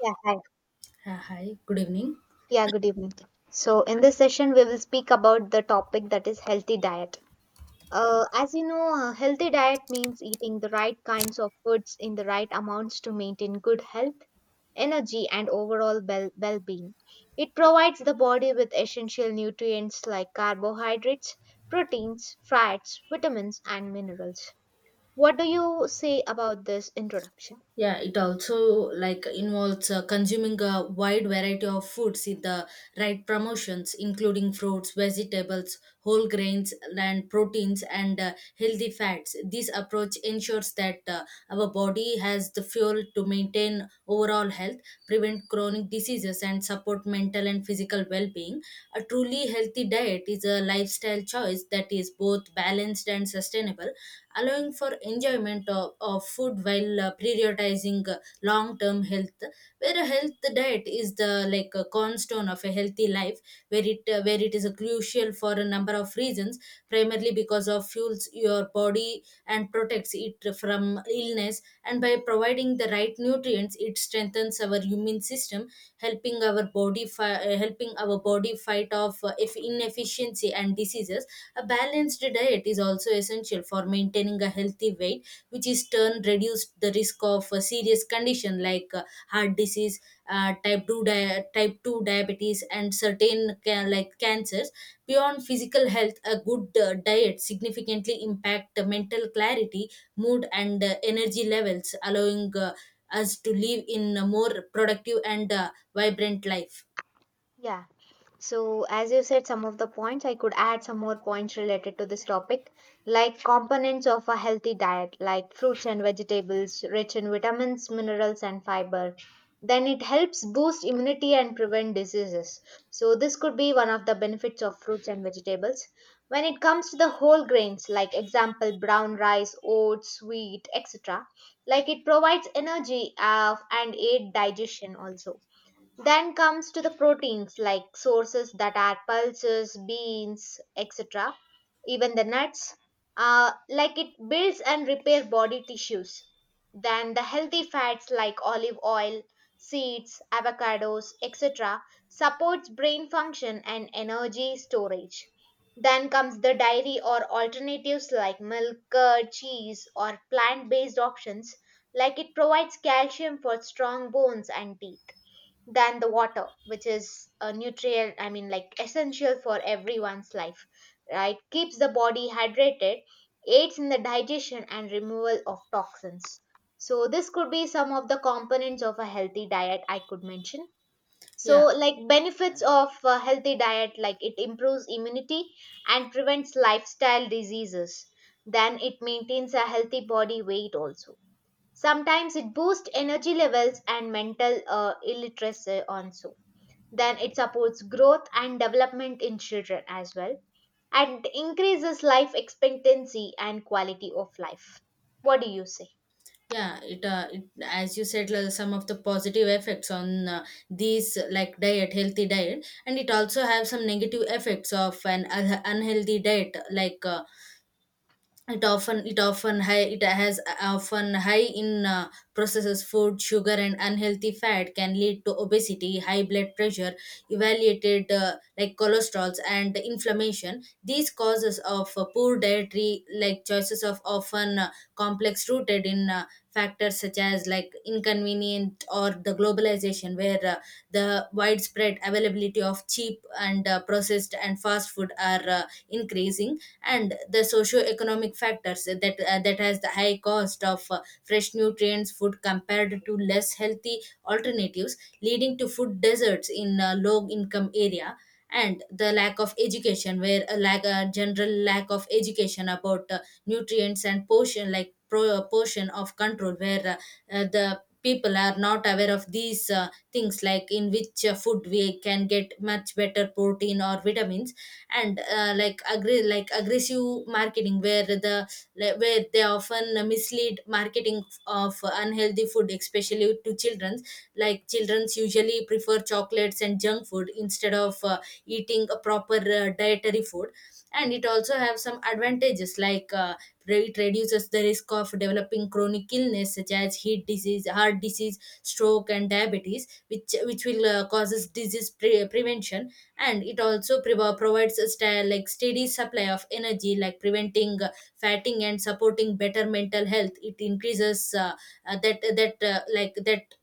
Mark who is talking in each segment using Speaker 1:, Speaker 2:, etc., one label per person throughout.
Speaker 1: Yeah, hi.
Speaker 2: Hi, good evening.
Speaker 1: Yeah, good evening. So, in this session, we will speak about the topic that is healthy diet. As you know, a healthy diet means eating the right kinds of foods in the right amounts to maintain good health, energy, and overall well being. It provides the body with essential nutrients like carbohydrates, proteins, fats, vitamins, and minerals. What do you say about this introduction?
Speaker 2: Yeah, it also like involves consuming a wide variety of foods in the right promotions, including fruits, vegetables, whole grains, and proteins, and healthy fats. This approach ensures that our body has the fuel to maintain overall health, prevent chronic diseases, and support mental and physical well-being. A truly healthy diet is a lifestyle choice that is both balanced and sustainable, allowing for enjoyment of food while prioritizing long-term health, where a health diet is the like a cornerstone of a healthy life, where it is a crucial for a number of reasons, primarily because of fuels your body and protects it from illness, and by providing the right nutrients it strengthens our immune system, helping helping our body fight off if inefficiency and diseases. A balanced diet is also essential for maintaining a healthy weight, which is turn reduced the risk of a serious condition, like heart disease, type 2 diabetes, and certain like cancers. Beyond physical health, a good diet significantly impact the mental clarity, mood, and energy levels, allowing us to live in a more productive and vibrant life.
Speaker 1: Yeah. So, as you said, some of the points, I could add some more points related to this topic, like components of a healthy diet, like fruits and vegetables, rich in vitamins, minerals, and fiber. Then it helps boost immunity and prevent diseases. So, this could be one of the benefits of fruits and vegetables. When it comes to the whole grains, like example, brown rice, oats, wheat, etc., like it provides energy and aid digestion also. Then comes to the proteins like sources that are pulses, beans, etc. Even the nuts, like it builds and repair body tissues. Then the healthy fats like olive oil, seeds, avocados, etc. supports brain function and energy storage. Then comes the dairy or alternatives like milk, curd, cheese, or plant-based options. Like it provides calcium for strong bones and teeth, than the water, which is a nutrient, I mean, like essential for everyone's life, right, keeps the body hydrated, aids in the digestion and removal of toxins. So this could be some of the components of a healthy diet I could mention. So
Speaker 2: Yeah,
Speaker 1: like benefits of a healthy diet, like it improves immunity and prevents lifestyle diseases, then it maintains a healthy body weight also, sometimes it boosts energy levels and mental illiteracy also, then it supports growth and development in children as well, and increases life expectancy and quality of life. What do you say?
Speaker 2: yeah, it as you said, like, some of the positive effects on these like diet healthy diet, and it also have some negative effects of an unhealthy diet, like it often high, it has often high in processed food, sugar, and unhealthy fat, can lead to obesity, high blood pressure, evaluated like cholesterols and inflammation. These causes of poor dietary like choices of often complex, rooted in factors such as like inconvenient or the globalization, where the widespread availability of cheap and processed and fast food are increasing. And the socio-economic factors that has the high cost of fresh nutrients food compared to less healthy alternatives, leading to food deserts in low income area. And the lack of education, where a general lack of education about nutrients and portion portion of control, where the people are not aware of these things, like in which food we can get much better protein or vitamins. And like agree like aggressive marketing, where they often mislead marketing of unhealthy food, especially to children. Like children usually prefer chocolates and junk food instead of eating a proper dietary food. And it also have some advantages, like it reduces the risk of developing chronic illness, such as heat disease, heart disease, stroke, and diabetes, which will causes disease prevention. And it also provides a like steady supply of energy, like preventing fatting and supporting better mental health. It increases that that like that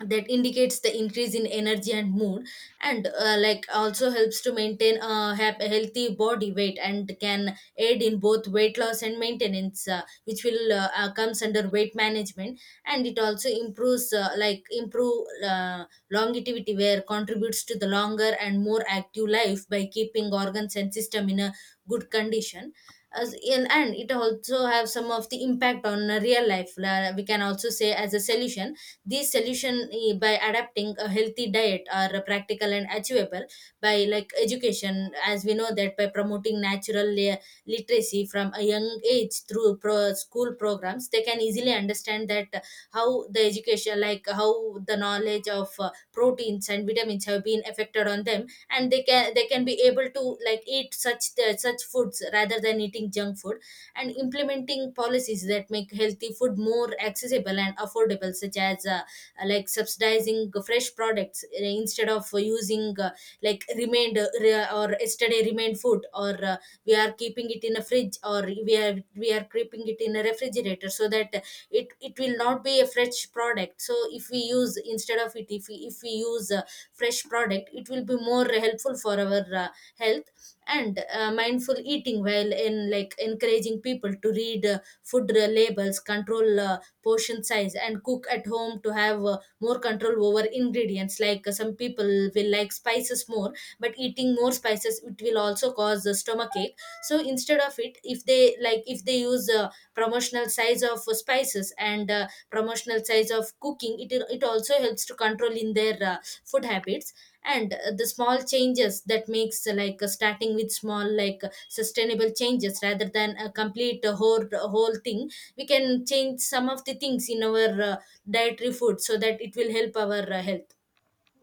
Speaker 2: that indicates the increase in energy and mood. And like also helps to maintain a healthy body weight, and can aid in both weight loss and maintenance, which will comes under weight management. And it also improves like improve longevity, where contributes to the longer and more active life by keeping organs and system in a good condition. As in, and it also have some of the impact on real life. We can also say as a solution, these solution, by adapting a healthy diet are practical and achievable. By like education, as we know that by promoting natural literacy from a young age through school programs, they can easily understand that how the knowledge of proteins and vitamins have been affected on them, and they can be able to like eat such foods rather than eating junk food. And implementing policies that make healthy food more accessible and affordable, such as like subsidizing fresh products, instead of using like remained, or yesterday remained food, or we are keeping it in a fridge, or we are keeping it in a refrigerator, so that it will not be a fresh product. So if we use instead of it, if we use fresh product, it will be more helpful for our health. And mindful eating, while in like encouraging people to read food labels, control portion size, and cook at home to have more control over ingredients, like some people will like spices more. But eating more spices, it will also cause stomach ache. So instead of it, if they use promotional size of spices, and promotional size of cooking, it also helps to control in their food habits. And the small changes that makes starting with small, like sustainable changes rather than a complete whole thing. We can change some of the things in our dietary food, so that it will help our health.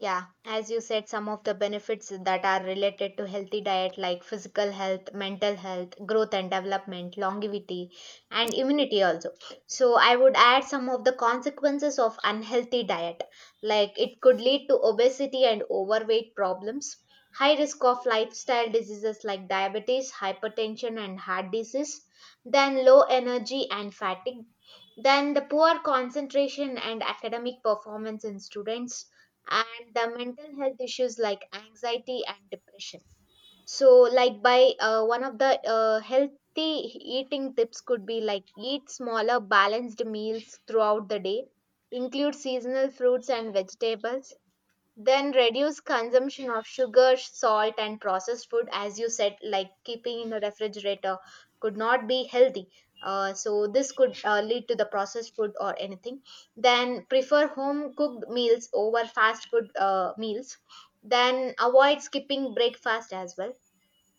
Speaker 1: Yeah, as you said, some of the benefits that are related to healthy diet like physical health, mental health, growth and development, longevity, and immunity also. So I would add some of the consequences of unhealthy diet. Like it could lead to obesity and overweight problems, high risk of lifestyle diseases like diabetes, hypertension and heart disease, then low energy and fatigue, then the poor concentration and academic performance in students, and the mental health issues like anxiety and depression. So like, by one of the healthy eating tips could be like eat smaller balanced meals throughout the day, include seasonal fruits and vegetables, then reduce consumption of sugar, salt, and processed food. As you said, like keeping in the refrigerator could not be healthy. So this could lead to the processed food or anything. Then prefer home cooked meals over fast food meals. Then avoid skipping breakfast as well.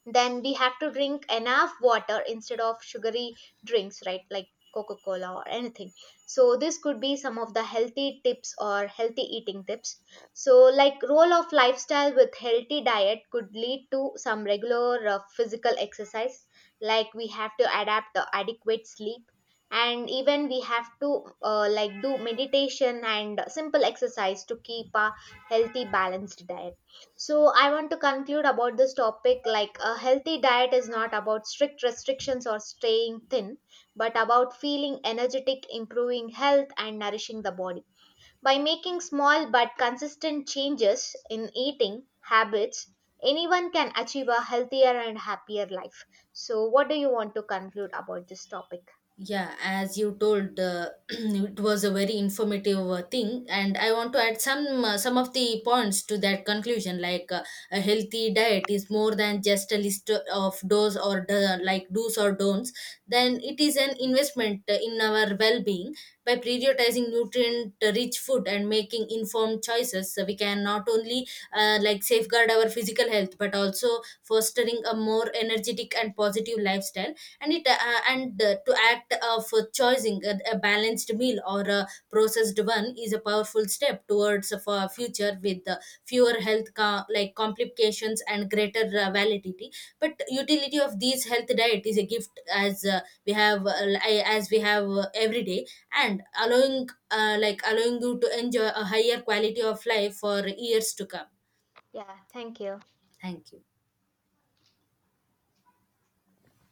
Speaker 1: Then we have to drink enough water instead of sugary drinks, right, like coca cola or anything. So this could be some of the healthy tips or healthy eating tips. So like role of lifestyle with healthy diet could lead to some regular physical exercise, like we have to adapt the adequate sleep, and even we have to like do meditation and simple exercise to keep a healthy balanced diet. So I want to conclude about this topic. Like a healthy diet is not about strict restrictions or staying thin, but about feeling energetic, improving health, and nourishing the body. By making small but consistent changes in eating habits, anyone can achieve a healthier and happier life. So, what do you want to conclude about this topic?
Speaker 2: Yeah, as you told, it was a very informative thing, and I want to add some of the points to that conclusion. Like a healthy diet is more than just a list of do's or don'ts. Then it is an investment in our well-being by prioritizing nutrient-rich food and making informed choices. So we can not only like safeguard our physical health, but also fostering a more energetic and positive lifestyle. And to act of choosing a balanced meal or a processed one is a powerful step towards of a future with fewer health like complications and greater validity. But utility of these health diet is a gift, we have uh, as we have every day, and allowing you to enjoy a higher quality of life for years to come.
Speaker 1: Yeah, thank you.
Speaker 2: Thank you.